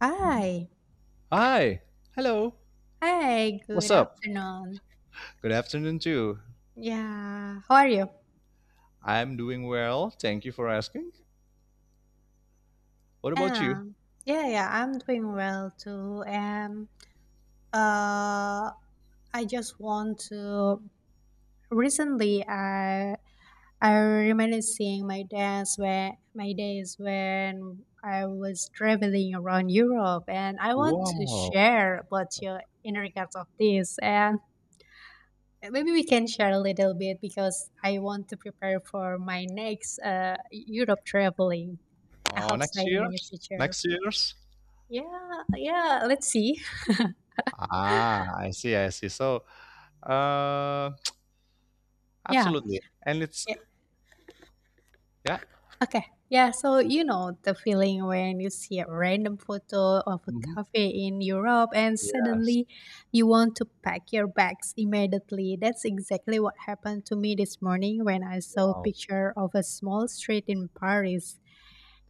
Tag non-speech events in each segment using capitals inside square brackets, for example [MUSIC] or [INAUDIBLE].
Hi. Hi. Hello. Hi, good What's up? afternoon. Good afternoon too. Yeah, how are you? I'm doing well. Thank you for asking. What about Yeah. you? Yeah, I'm doing well too. And uh I just want to recently I remember seeing my days when I was traveling around Europe and I want to Wow. share about your in regards of this and Maybe we can share a little bit because I want to prepare for my next Europe traveling. I Oh, hope so next in the near year's? future. Next year's? Yeah, yeah, let's see. [LAUGHS] Ah, I see, I see. Uh, Yeah, Absolutely. And it's yeah. yeah. Okay. Yeah. So, you know, the feeling when you see a random photo of a Hmm. cafe in Europe and Yes. suddenly you want to pack your bags immediately. That's exactly what happened to me this morning when I saw a Wow. picture of a small street in Paris.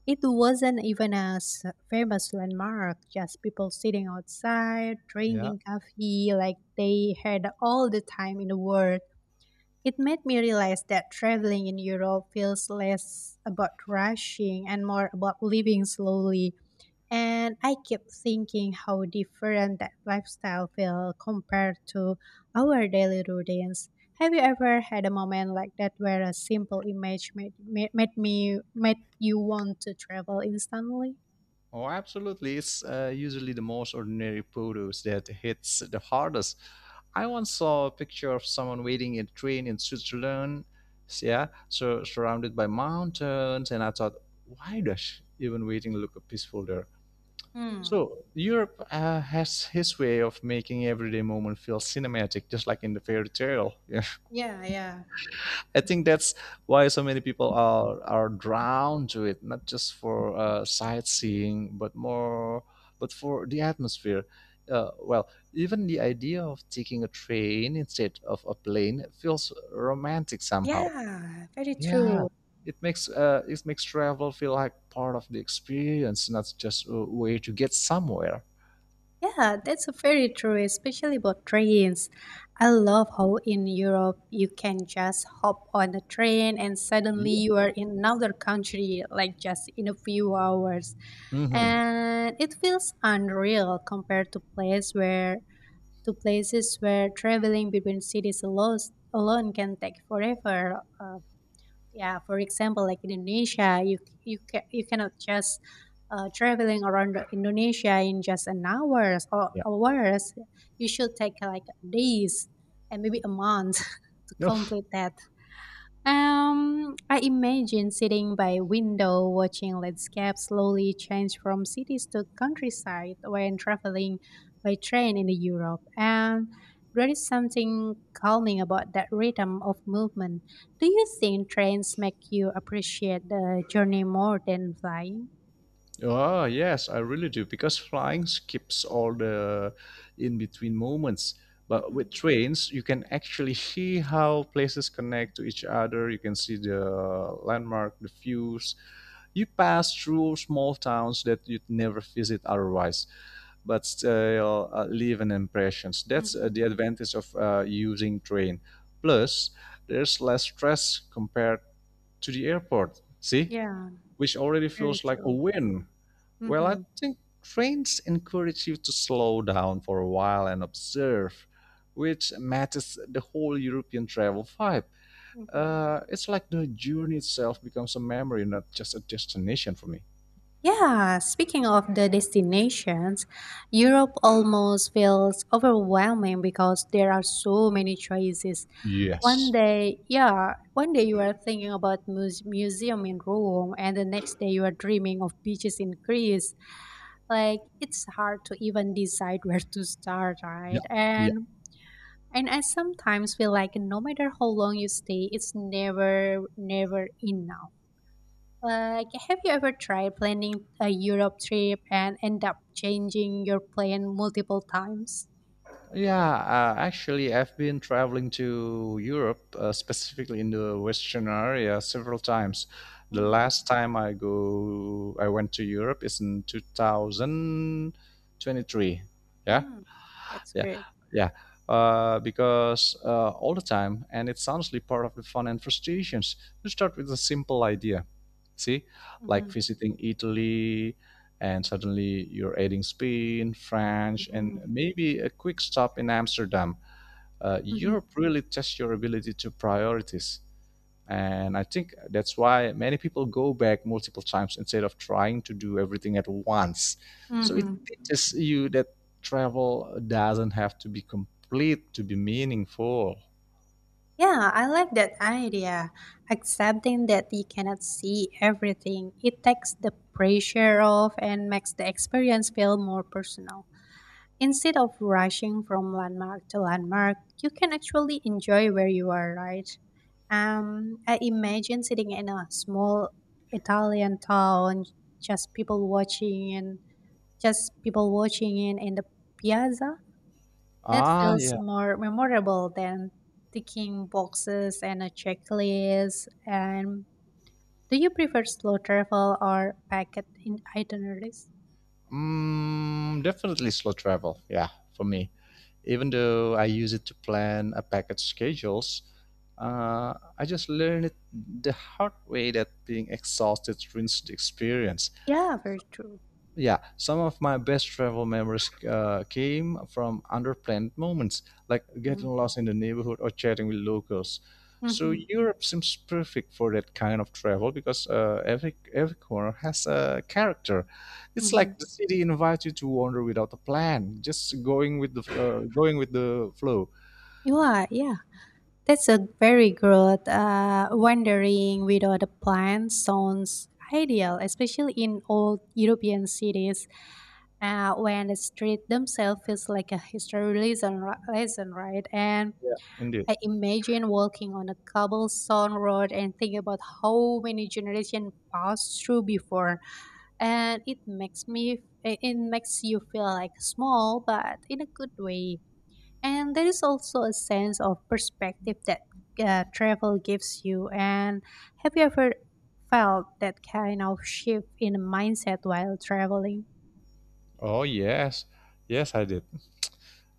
It wasn't even a famous landmark, just people sitting outside, Yeah. drinking coffee like they had all the time in the world. It made me realize that traveling in Europe feels less about rushing and more about living slowly. And I kept thinking how different that lifestyle felt compared to our daily routines. Have you ever had a moment like that where a simple image made you want to travel instantly? Oh, absolutely. It's usually the most ordinary produce that hits the hardest. I once saw a picture of someone waiting in a train in Switzerland, so surrounded by mountains, and I thought, why does even waiting look peaceful there? Hmm. So Europe has his way of making everyday moment feel cinematic, just like in the fairy tale. [LAUGHS] Yeah, yeah. I think that's why so many people are drawn to it, not just for sightseeing, but for the atmosphere. Well, even the idea of taking a train instead of a plane feels romantic somehow. Yeah, very Yeah, true. It makes travel feel like part of the experience, not just a way to get somewhere. Yeah, that's very true, especially about trains. I love how in Europe you can just hop on a train and suddenly Yeah. you are in another country, like just in a few hours. Hmm. And it feels unreal compared to place where to places where traveling between cities alone can take forever. Yeah, for example, like in Indonesia, you cannot just traveling around Indonesia in just an hours or Yeah. hours. You should take like days and maybe a month [LAUGHS] to No. complete that. I imagine sitting by a window watching landscapes slowly change from cities to countryside when traveling by train in Europe. And there is something calming about that rhythm of movement. Do you think trains make you appreciate the journey more than flying? Oh, yes, I really do, because flying skips all the in between moments. But with Hmm. trains, you can actually see how places connect to each other. You can see the landmark, the views. You pass through small towns that you'd never visit otherwise, but still leave an impression. That's Hmm. the advantage of using train. Plus, there's less stress compared to the airport. See, Yeah, which already very feels like a true. win. Well, I Hmm. think trains encourage you to slow down for a while and observe, which matches the whole European travel vibe. Hmm. It's like the journey itself becomes a memory, not just a destination for me. Yeah, speaking of the destinations, Europe almost feels overwhelming because there are so many choices. One Yes. day, yeah, one day you are thinking about museum in Rome and the next day you are dreaming of beaches in Greece. Like it's hard to even decide [LAUGHS] where to start, right? Yeah. Yeah. And I sometimes feel like no matter how long you stay, it's never enough. Like, have you ever tried planning a Europe trip and end up changing your plan multiple times? Yeah, Actually, I've been traveling to Europe, specifically in the Western area, several times. The Mm. last time I go, I went to Europe is in 2023. Yeah, Mm, that's yeah, great. yeah because all the time, and it's honestly part of the fun and frustrations. You start with a simple idea, see, Hmm. like visiting Italy, and suddenly you're adding Spain, French, and Hmm. maybe a quick stop in Amsterdam. Hmm. Europe really tests your ability to priorities, and I think that's why many people go back multiple times instead of trying to do everything at once. So it Hmm. teaches you that travel doesn't have to be complete to be meaningful. Yeah, I like that idea. Accepting that you cannot see everything, it takes the pressure off and makes the experience feel more personal. Instead of rushing from landmark to landmark, you can actually enjoy where you are, right? I imagine sitting in a small Italian town, just people watching and just people watching in the piazza. That Ah, feels yeah. more memorable than ticking boxes and a checklist. And do you prefer slow travel or packet in itineraries? Definitely slow travel. Yeah, for me. Even though I use it to plan a package schedules, I just learned it the hard way that being exhausted ruins the experience. Yeah, very true. Yeah, some of my best travel memories came from underplanned moments, like Mm-hmm. getting lost in the neighborhood or chatting with locals. So Europe seems perfect for that kind of travel, because every corner has a character. It's Mm-hmm. like the city invites you to wander without a plan, just going with the flow. Yeah, yeah. That's a very good wandering without a plan sounds ideal, especially in old European cities when the street themselves feels like a history lesson, right? And Yeah, indeed. I imagine walking on a cobblestone road and think about how many generations passed through before, and it makes me it it makes you feel like small, but in a good way. And there is also a sense of perspective that travel gives you. And have you ever felt that kind of shift in mindset while traveling? Oh yes, yes, I did.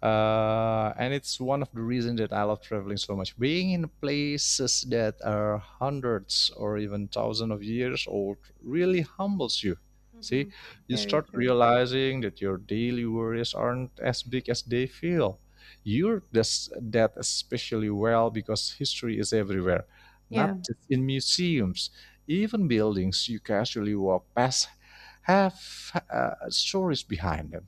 And it's one of the reasons that I love traveling so much. Being in places that are hundreds or even thousands of years old really humbles you. See, Hmm. you Very start true. realizing that your daily worries aren't as big as they feel. You're just that especially well because history is everywhere, Yeah. not just in museums. Even buildings you casually walk past have stories behind them.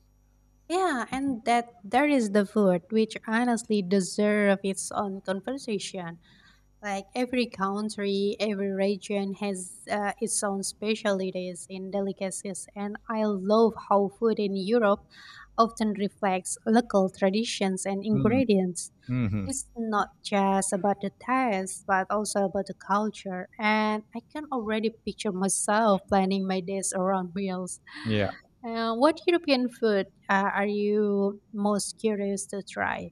Yeah, and that there is the food, which honestly deserve its own conversation. Like every country, every region has its own specialties in delicacies, and I love how food in Europe often reflects local traditions and ingredients. Mm-hmm. It's not just about the taste, but also about the culture, and I can already picture myself planning my days around meals. Yeah. What European food are you most curious to try?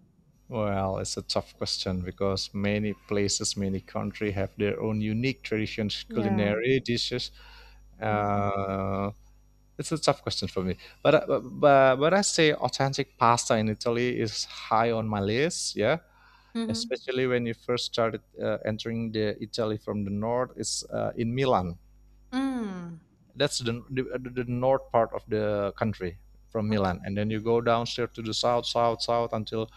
Well, it's a tough question because many places, many country have their own unique traditions, Yeah. culinary dishes. Mm-hmm. Uh, it's a tough question for me, but I say authentic pasta in Italy is high on my list. Yeah, Mm-hmm. especially when you first started entering the Italy from the north, it's in Milan. Mm. That's the north part of the country, from Milan, and then you go downstairs to the south, south, south until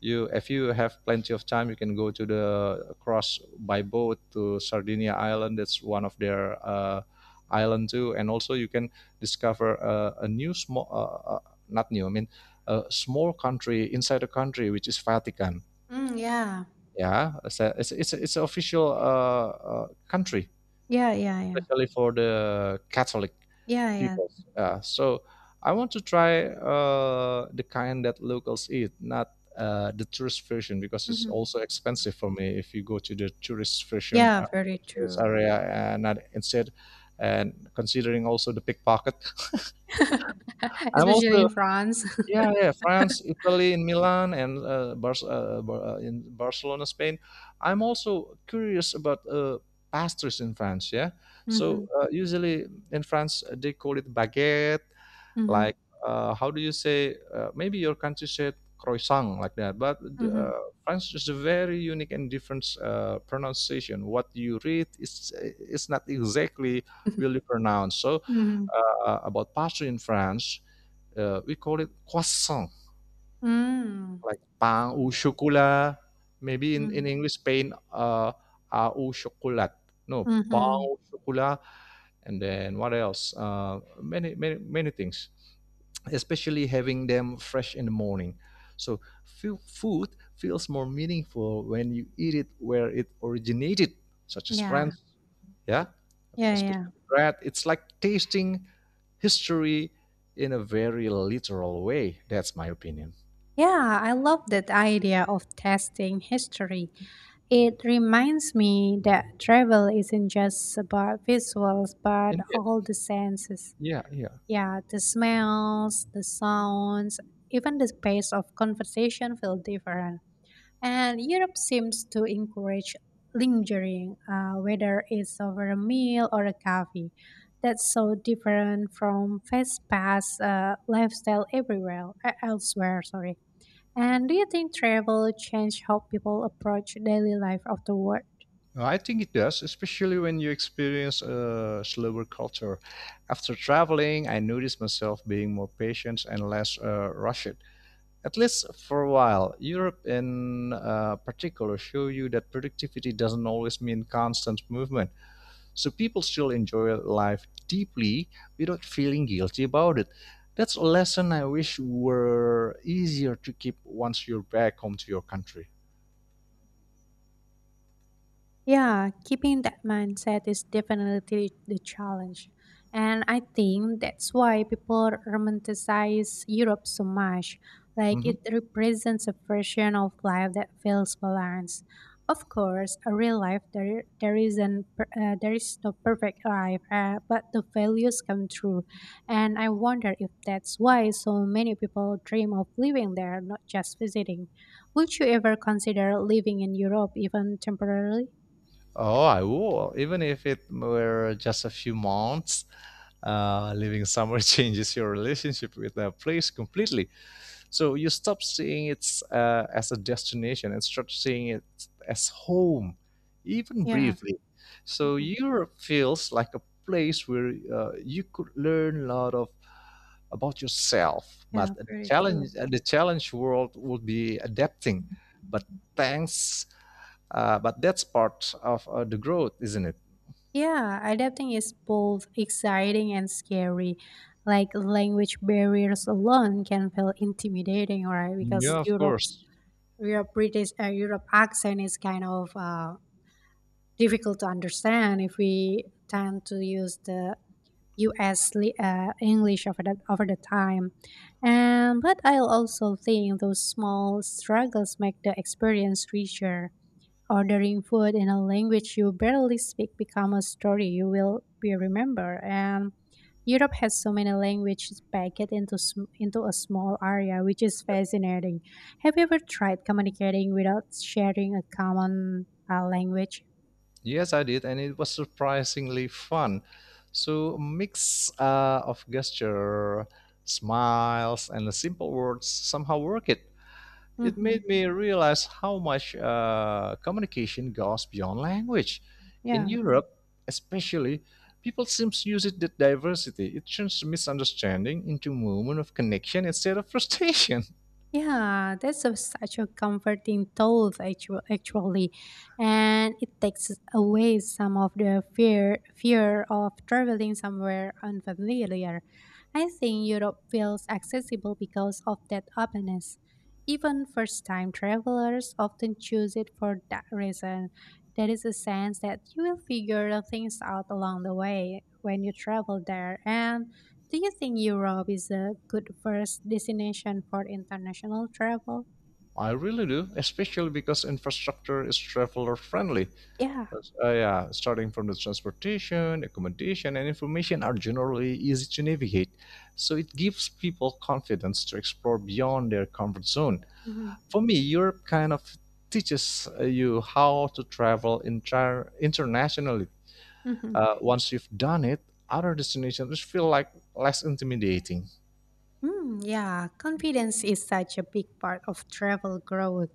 you, if you have plenty of time, you can go to the across by boat to Sardinia island. That's one of their island too, and also you can discover a new small not new I mean a small country inside a country, which is Vatican. Mm, yeah. Yeah, it's a, it's, it's an official country, Yeah, yeah, yeah. especially for the Catholic Yeah, yeah. peoples. Yeah. So I want to try the kind that locals eat, not the tourist version, because it's Mhm. also expensive for me if you go to the tourist version, Yeah, very tourist true. area, and not instead, and considering also the pickpocket. [LAUGHS] [LAUGHS] I'm Especially in also France. [LAUGHS] yeah, yeah, France, Italy, in Milan, and in Barcelona, Spain. I'm also curious about pastries in France. Yeah, Mhm. so usually in France they call it baguette, Mhm. like, how do you say, maybe your country said croissant like that, but Mhm. uh, French is a very unique and different pronunciation. What you read is not exactly really pronounced. So Mhm. About pastry in France, we call it croissant, Mm. like pain au chocolat. Maybe in Mm. English, Spain, ah, au chocolat. No, pain Mhm. au chocolat. And then what else? Many things, especially having them fresh in the morning. So food feels more meaningful when you eat it where it originated, such as Yeah. France, yeah, Yeah, yeah. especially bread. It's like tasting history in a very literal way. That's my opinion. Yeah, I love that idea of testing history. It reminds me that travel isn't just about visuals, but Indeed. all the senses. Yeah, yeah, yeah. Yeah, the smells, the sounds, even the pace of conversation feel different. And Europe seems to encourage lingering, whether it's over a meal or a coffee. That's so different from fast pass lifestyle everywhere elsewhere. Sorry. And do you think travel changed how people approach daily life of the world? Well, I think it does, especially when you experience a slower culture. After traveling, I noticed myself being more patient and less rushed, at least for a while. Europe, in particular, show you that productivity doesn't always mean constant movement. So people still enjoy life deeply without feeling guilty about it. That's a lesson I wish were easier to keep once you're back home to your country. Yeah, keeping that mindset is definitely the challenge. And I think that's why people romanticize Europe so much. Like Mhm. it represents a version of life that feels balanced. Of course, a real life there isn't per- there is no perfect life, but the values come true. And I wonder if that's why so many people dream of living there, not just visiting. Would you ever consider living in Europe even temporarily? Oh, I will, even if it were just a few months. Living somewhere [LAUGHS] changes your relationship with the place completely. So you stop seeing it as a destination and start seeing it as home, even Yeah, briefly. So mhm, Europe feels like a place where you could learn a lot of about yourself, yeah, but very true. The challenge world will be adapting. But thanks, but that's part of the growth, isn't it? Yeah, adapting is both exciting and scary. Like language barriers alone can feel intimidating, right? Yeah, Because of Europe's course. Europe British Europe accent is kind of difficult to understand if we tend to use the U.S. English over the time. And but I also think those small struggles make the experience richer. Ordering food in a language you barely speak become a story you will be remember. And Europe has so many languages packed into into a small area, which is fascinating. Have you ever tried communicating without sharing a common language? Yes, I did, and it was surprisingly fun. So, a mix of gesture, smiles, and the simple words somehow work it. It Hmm. made me realize how much communication goes beyond language. In Yeah. Europe, especially, people seem to use it that diversity. It turns misunderstanding into moment of connection instead of frustration. Yeah, that's a, such a comforting thought, actually, and it takes away some of the fear of traveling somewhere unfamiliar. I think Europe feels accessible because of that openness. Even first-time travelers often choose it for that reason. There is a sense that you will figure things out along the way when you travel there, and do you think Europe is a good first destination for international travel? [LAUGHS] I really do, especially because infrastructure is traveler friendly. Yeah. Yeah, starting from the transportation, accommodation, and information are generally easy to navigate, so it gives people confidence to explore beyond their comfort zone. Hmm. For me, Europe kind of teaches you how to travel internationally. Hmm. Once you've done it, other destinations feel like less intimidating. Mm, yeah, confidence is such a big part of travel growth.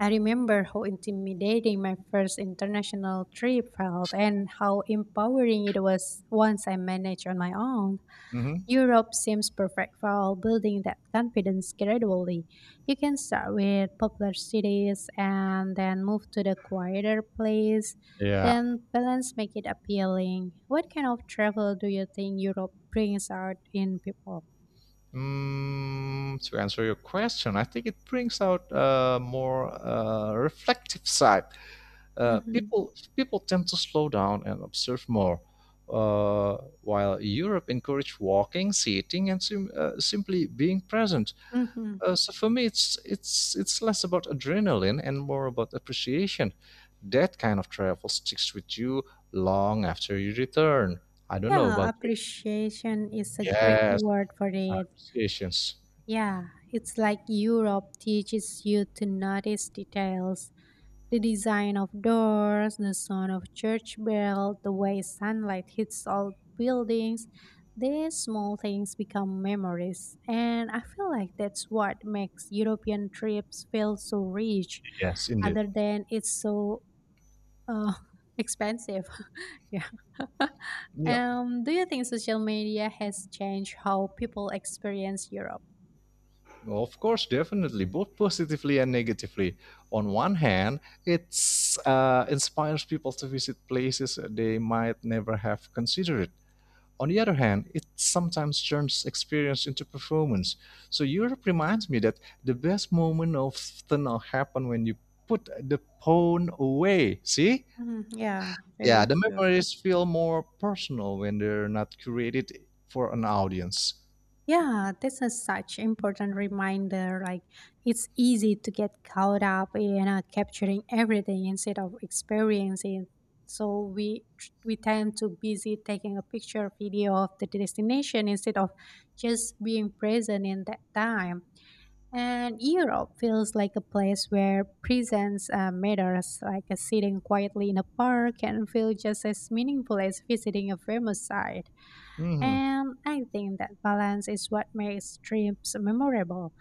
I remember how intimidating my first international trip felt and how empowering it was once I managed on my own. Hmm. Europe seems perfect for building that confidence gradually. You can start with popular cities and then move to the quieter place, Yeah. then balance make it appealing. What kind of travel do you think Europe brings out in people? To answer your question, I think it brings out a more reflective side. Uh, Mm-hmm. people people tend to slow down and observe more, uh, while Europe encouraged walking, sitting, and simply being present. Mm-hmm. So for me, it's less about adrenaline and more about appreciation. That kind of travel sticks with you long after you return. I don't know Yeah, about you. appreciation is a great Yes, word for it. appreciations. Yeah, it's like Europe teaches you to notice details. The design of doors, the sound of church bell, the way sunlight hits old buildings, these small things become memories. And I feel like that's what makes European trips feel so rich, Yes, indeed. other than it's so uh, [LAUGHS] expensive. [LAUGHS] Yeah. [LAUGHS] Do you think social media has changed how people experience Europe? Of course, definitely, both positively and negatively. On one hand, it's inspires people to visit places they might never have considered. On the other hand, it sometimes turns experience into performance. So Europe reminds me that the best moment often happen when you put the phone away. See? Mhm, yeah, Yeah, very the true. memories feel more personal when they're not curated for an audience. Yeah, this is such important reminder. Like it's easy to get caught up in capturing everything instead of experiencing. So we tend to busy taking a picture, video of the destination instead of just being present in that time. And Europe feels like a place where presence matters. Like sitting quietly in a park can feel just as meaningful as visiting a famous site. Mhm. And I think that balance is what makes trips memorable.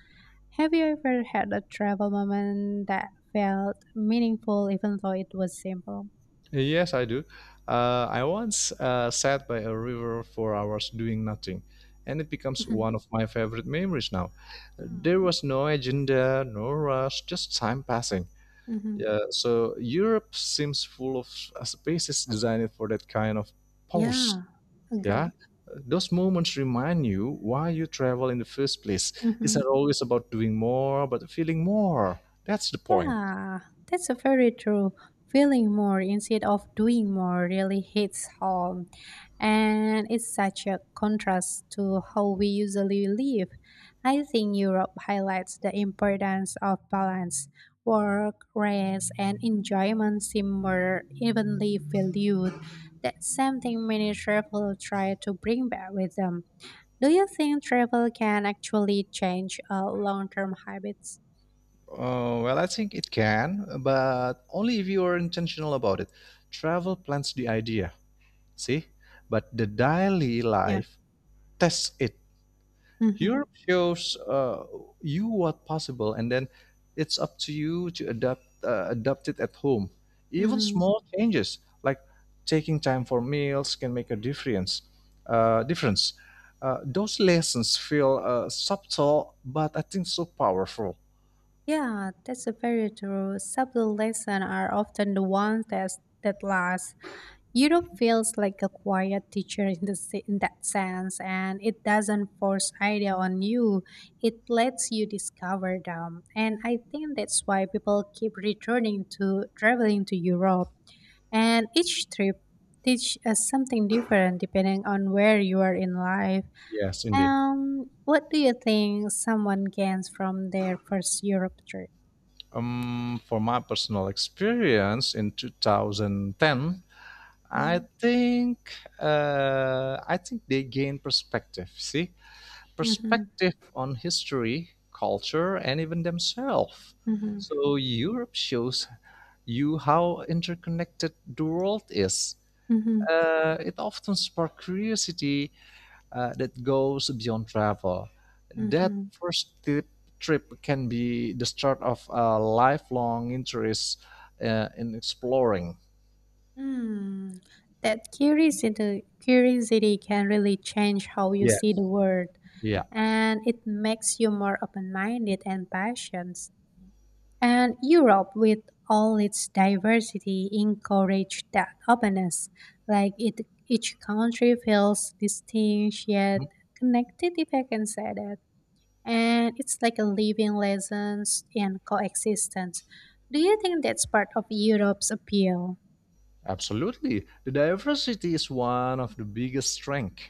Have you ever had a travel moment that felt meaningful even though it was simple? Yes, I do. I once sat by a river for hours doing nothing, and it becomes [LAUGHS] Hmm. one of my favorite memories now. Hmm. There was no agenda, no rush, just time passing. Hmm. Yeah, so Europe seems full of spaces designed for that kind of pause. Yeah, Yeah, agree. those moments remind you why you travel in the first place. It's not Mhm. always about doing more, but feeling more. That's the point. Yeah, that's a very true. Feeling more instead of doing more really hits home. And it's such a contrast to how we usually live. I think Europe highlights the importance of balance. Work, rest, and enjoyment seem more evenly valued. That's something many travelers try to bring back with them. Do you think travel can actually change long term habits? Well, I think it can, but only if you are intentional about it. Travel plants the idea, see? But the daily Yeah. life tests it. Mm-hmm. Europe shows you what possible, and then it's up to you to adapt, adapt it at home. Even Mm-hmm. small changes, like taking time for meals, can make a difference. Uh, difference. Those lessons feel subtle, but I think so powerful. Yeah, that's a very true. Subtle lessons are often the ones that last. Europe feels like a quiet teacher in the in that sense, and it doesn't force idea on you. It lets you discover them, and I think that's why people keep returning to traveling to Europe. And each trip teach us something different depending on where you are in life. Yes, indeed. What do you think someone gains from their first Europe trip? For my personal experience in 2010, I Mhm, think I think they gain perspective. See, mhm, perspective on history, culture, and even themselves. mhm, So Europe shows you how interconnected the world is. mhm, It often sparks curiosity that goes beyond travel. That mhm. first ti- trip can be the start of a lifelong interest in exploring. Hmm, that curiosity can really change how you see Yes. the world, Yeah, and it makes you more open-minded and patient. And Europe, with all its diversity, encourage that openness. Like it, each country feels distinct yet mhm, connected, if I can say that. And it's like a living lessons and coexistence. Do you think that's part of Europe's appeal? absolutely. The diversity is one of the biggest strength.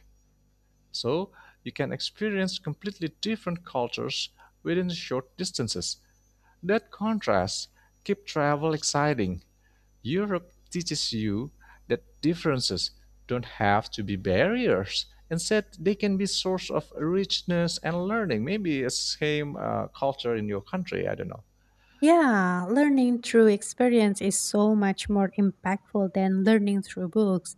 So you can experience completely different cultures within short distances. That contrast keep travel exciting. Europe teaches you that differences don't have to be barriers. Instead, they can be source of richness and learning. Maybe it's same culture in your country. I don't know. Yeah, learning through experience is so much more impactful than learning through books.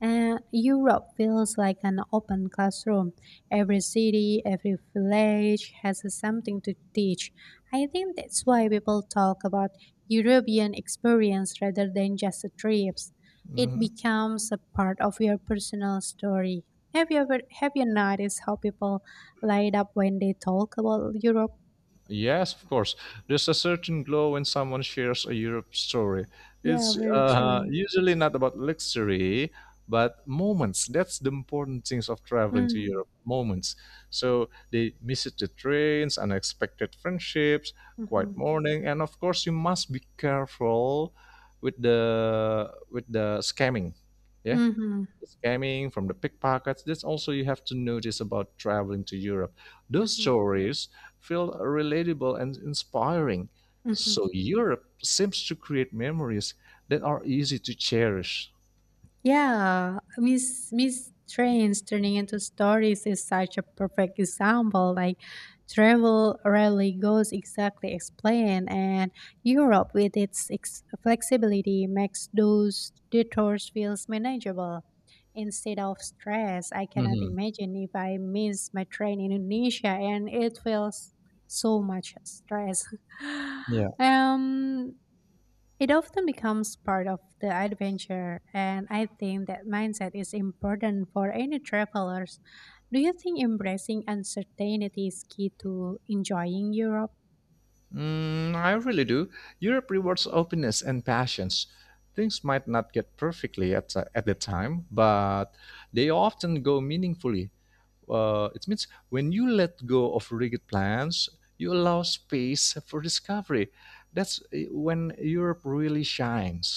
And Europe feels like an open classroom. Every city, every village has something to teach. I think that's why people talk about European experience rather than just trips. It Mm-hmm. becomes a part of your personal story. Have you noticed how people light up when they talk about Europe? Yes, of course. There's a certain glow when someone shares a Europe story. Yeah, It's very true. usually not about luxury, but moments. That's the important things of traveling to Mm. Europe. Moments. So they visit the trains, unexpected friendships, quiet Mhm. morning, and of course, you must be careful with the scamming. Yeah, Mhm. the scamming, from the pickpockets. That's also you have to notice about traveling to Europe. Those Mhm. stories feel relatable and inspiring. Mhm. So Europe seems to create memories that are easy to cherish. Yeah, Miss Trains turning into stories is such a perfect example. Like travel rarely goes exactly explained, and Europe with its flexibility makes those detours feels manageable instead of stress. I cannot Mhm. imagine if I miss my train in Indonesia and it feels so much stress. Yeah. [LAUGHS] um It often becomes part of the adventure, and I think that mindset is important for any travelers. Do you think embracing uncertainty is key to enjoying Europe? Mm, I really do. Europe rewards openness and passions. Things might not get perfectly at the time, but they often go meaningfully. It means when you let go of rigid plans, you allow space for discovery. That's when Europe really shines.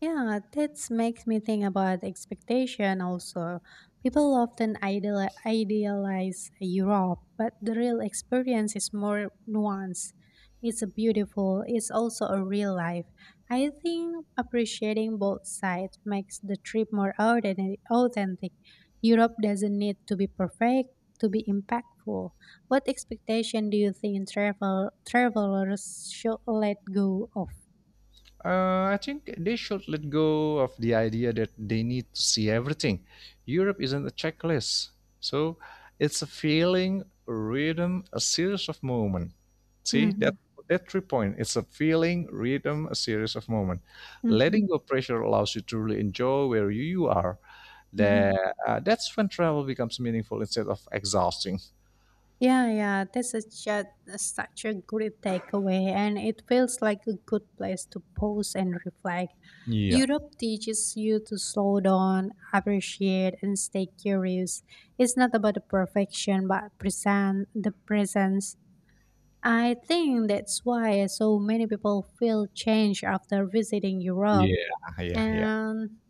Yeah, that makes me think about expectation also. People often idealize Europe, but the real experience is more nuanced. It's a beautiful, it's also a real life. I think appreciating both sides makes the trip more authentic. Europe doesn't need to be perfect to be impactful. What expectation do you think travelers should let go of? I think they should let go of the idea that they need to see everything. Europe isn't a checklist. So it's a feeling, a rhythm, a series of moments. See that Hmm. that three point. It's a feeling, rhythm, a series of moments. Hmm. Letting go pressure allows you to really enjoy where you are. Hmm. That's when travel becomes meaningful instead of exhausting. Yeah, yeah, such a great takeaway, and it feels like a good place to pause and reflect. Yeah, Europe teaches you to slow down, appreciate, and stay curious. It's not about the perfection, but present the presence. I think that's why so many people feel changed after visiting Europe. yeah, yeah, yeah. And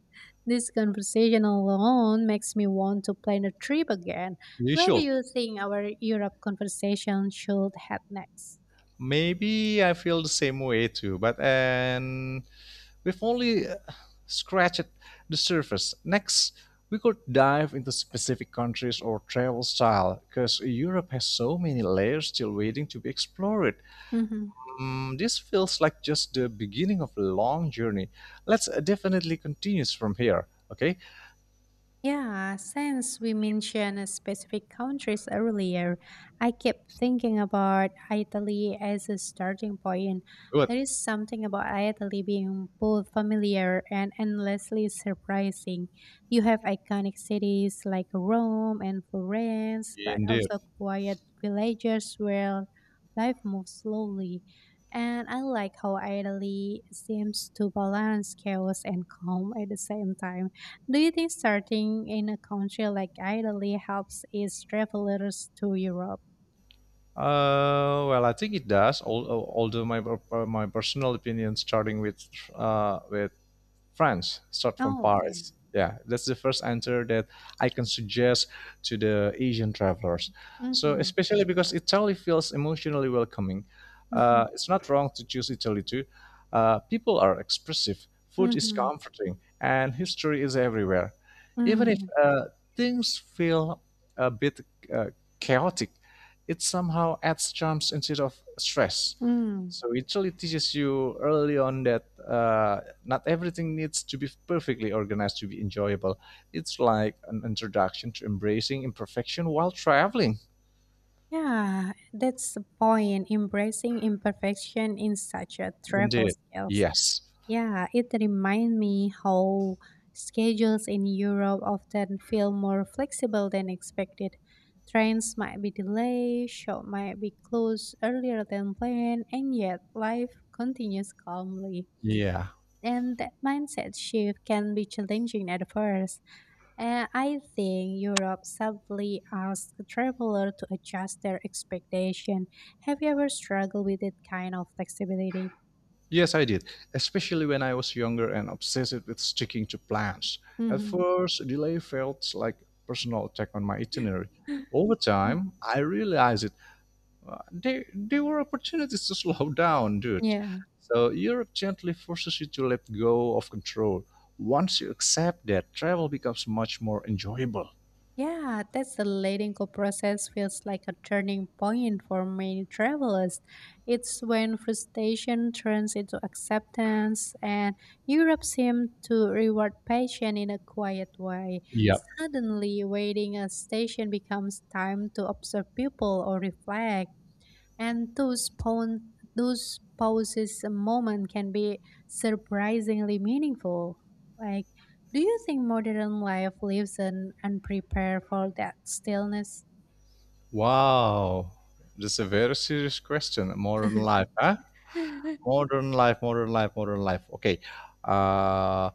this conversation alone makes me want to plan a trip again. You Where do should. you think our Europe conversation should head next? Maybe I feel the same way too, but and we've only scratched the surface. Next, we could dive into specific countries or travel style, because Europe has so many layers still waiting to be explored. Hmm. Mm, this feels like just the beginning of a long journey. Let's definitely continue from here. Okay, Yeah, since we mentioned specific countries earlier, I kept thinking about Italy as a starting point. good. There is something about Italy being both familiar and endlessly surprising. You have iconic cities like Rome and Florence, but Indeed. also quiet villages where life moves slowly. And I like how Italy seems to balance chaos and calm at the same time. Do you think starting in a country like Italy helps its travelers to Europe? Well, I think it does. Although my my personal opinion, starting with uh, with France, start from Oh, okay. Paris. Yeah, that's the first answer that I can suggest to the Asian travelers. So, Mm-hmm. especially because Italy feels emotionally welcoming. Mm-hmm. It's not wrong to choose Italy too. People are expressive, food is Mm-hmm. comforting, and history is everywhere. Even if Mm. Things feel a bit uh, chaotic, it somehow adds charms instead of stress. Mm. So it really teaches you early on that not everything needs to be perfectly organized to be enjoyable. It's like an introduction to embracing imperfection while traveling. Yeah, that's the point. Embracing imperfection in such a travel Indeed. scale. Yes. Yeah, it reminds me how schedules in Europe often feel more flexible than expected. Trains might be delayed, shop might be closed earlier than planned, and yet life continues calmly. Yeah. And that mindset shift can be challenging at first. And I think Europe subtly asks travelers to adjust their expectation. Have you ever struggled with that kind of flexibility? Yes, I did. Especially when I was younger and obsessed with sticking to plans. [LAUGHS] At Hmm. first, delay felt like a personal attack on my itinerary. Over time, I realized there were opportunities to slow [LAUGHS] down, dude. Yeah. So Europe gently forces you to let go of control. Once you accept that, travel becomes much more enjoyable. Yeah, that's the letting go process feels like a turning point for many travelers. It's when frustration turns into acceptance, and Europe seemed to reward patience in a quiet way. Yep. Suddenly, waiting at a station becomes time to observe people or reflect, and those pauses a moment can be surprisingly meaningful. Like, do you think modern life lives an unprepared for that stillness? Wow. That's a very serious question. Modern life, huh? [LAUGHS] Modern life, modern life, modern life. Okay. Uh,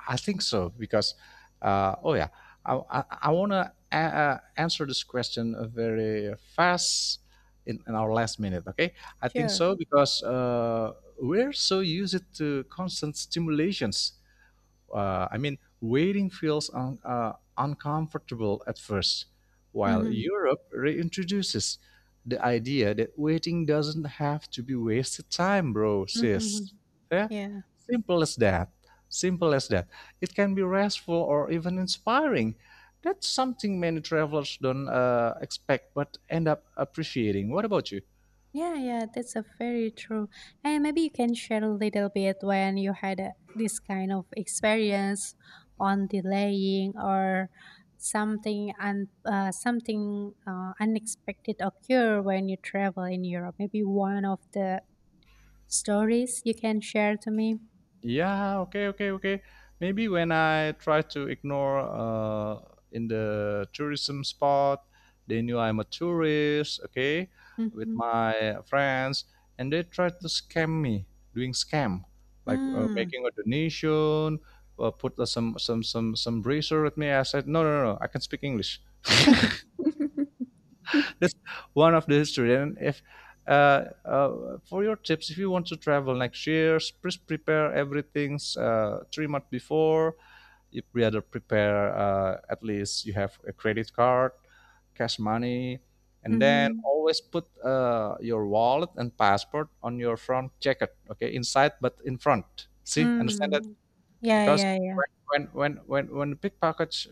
I think so because, oh yeah, I want to answer this question very fast in our last minute. Okay, I think Sure. so because we're so used to constant stimulations. I mean, waiting feels uncomfortable at first, while Hmm. Europe reintroduces the idea that waiting doesn't have to be wasted time, bro, Hmm. sis. Yeah? Yeah. Simple as that. Simple as that. It can be restful or even inspiring. That's something many travelers don't expect but end up appreciating. What about you? Yeah, yeah, that's a very true. And maybe you can share a little bit when you had a, this kind of experience on delaying or something unexpected occur when you travel in Europe. Maybe one of the stories you can share to me. Yeah, okay, okay, okay. Maybe when I try to ignore in the tourism spot, they knew I'm a tourist, okay, with my friends, and they tried to scam me, doing scam, like Mm-hmm. making a donation, put some bracer with me. I said, no, no, no, no, I can speak English [LAUGHS] just one of the history. And if for your tips, if you want to travel next year, please prepare everything 3 months before. You rather prepare, at least you have a credit card, cash money, and then Mhm. always put your wallet and passport on your front jacket, okay, inside but in front, see, understand that? Mm. Yeah, Because yeah, yeah. when the pickpockets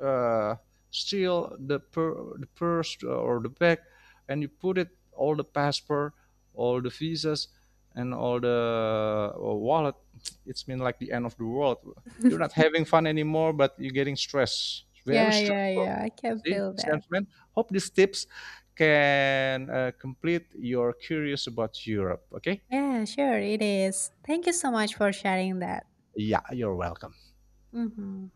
uh, seal the, per, the purse or the bag, and you put it all the passport, all the visas, and all the wallet. It's mean like the end of the world. You're not [LAUGHS] having fun anymore, but you're getting stressed. Very Yeah, yeah, stressful. yeah. I can See, feel that. salesman. Hope these tips can complete your curious about Europe. Okay. Yeah, sure, it is. Thank you so much for sharing that. Yeah, you're welcome. Mhm.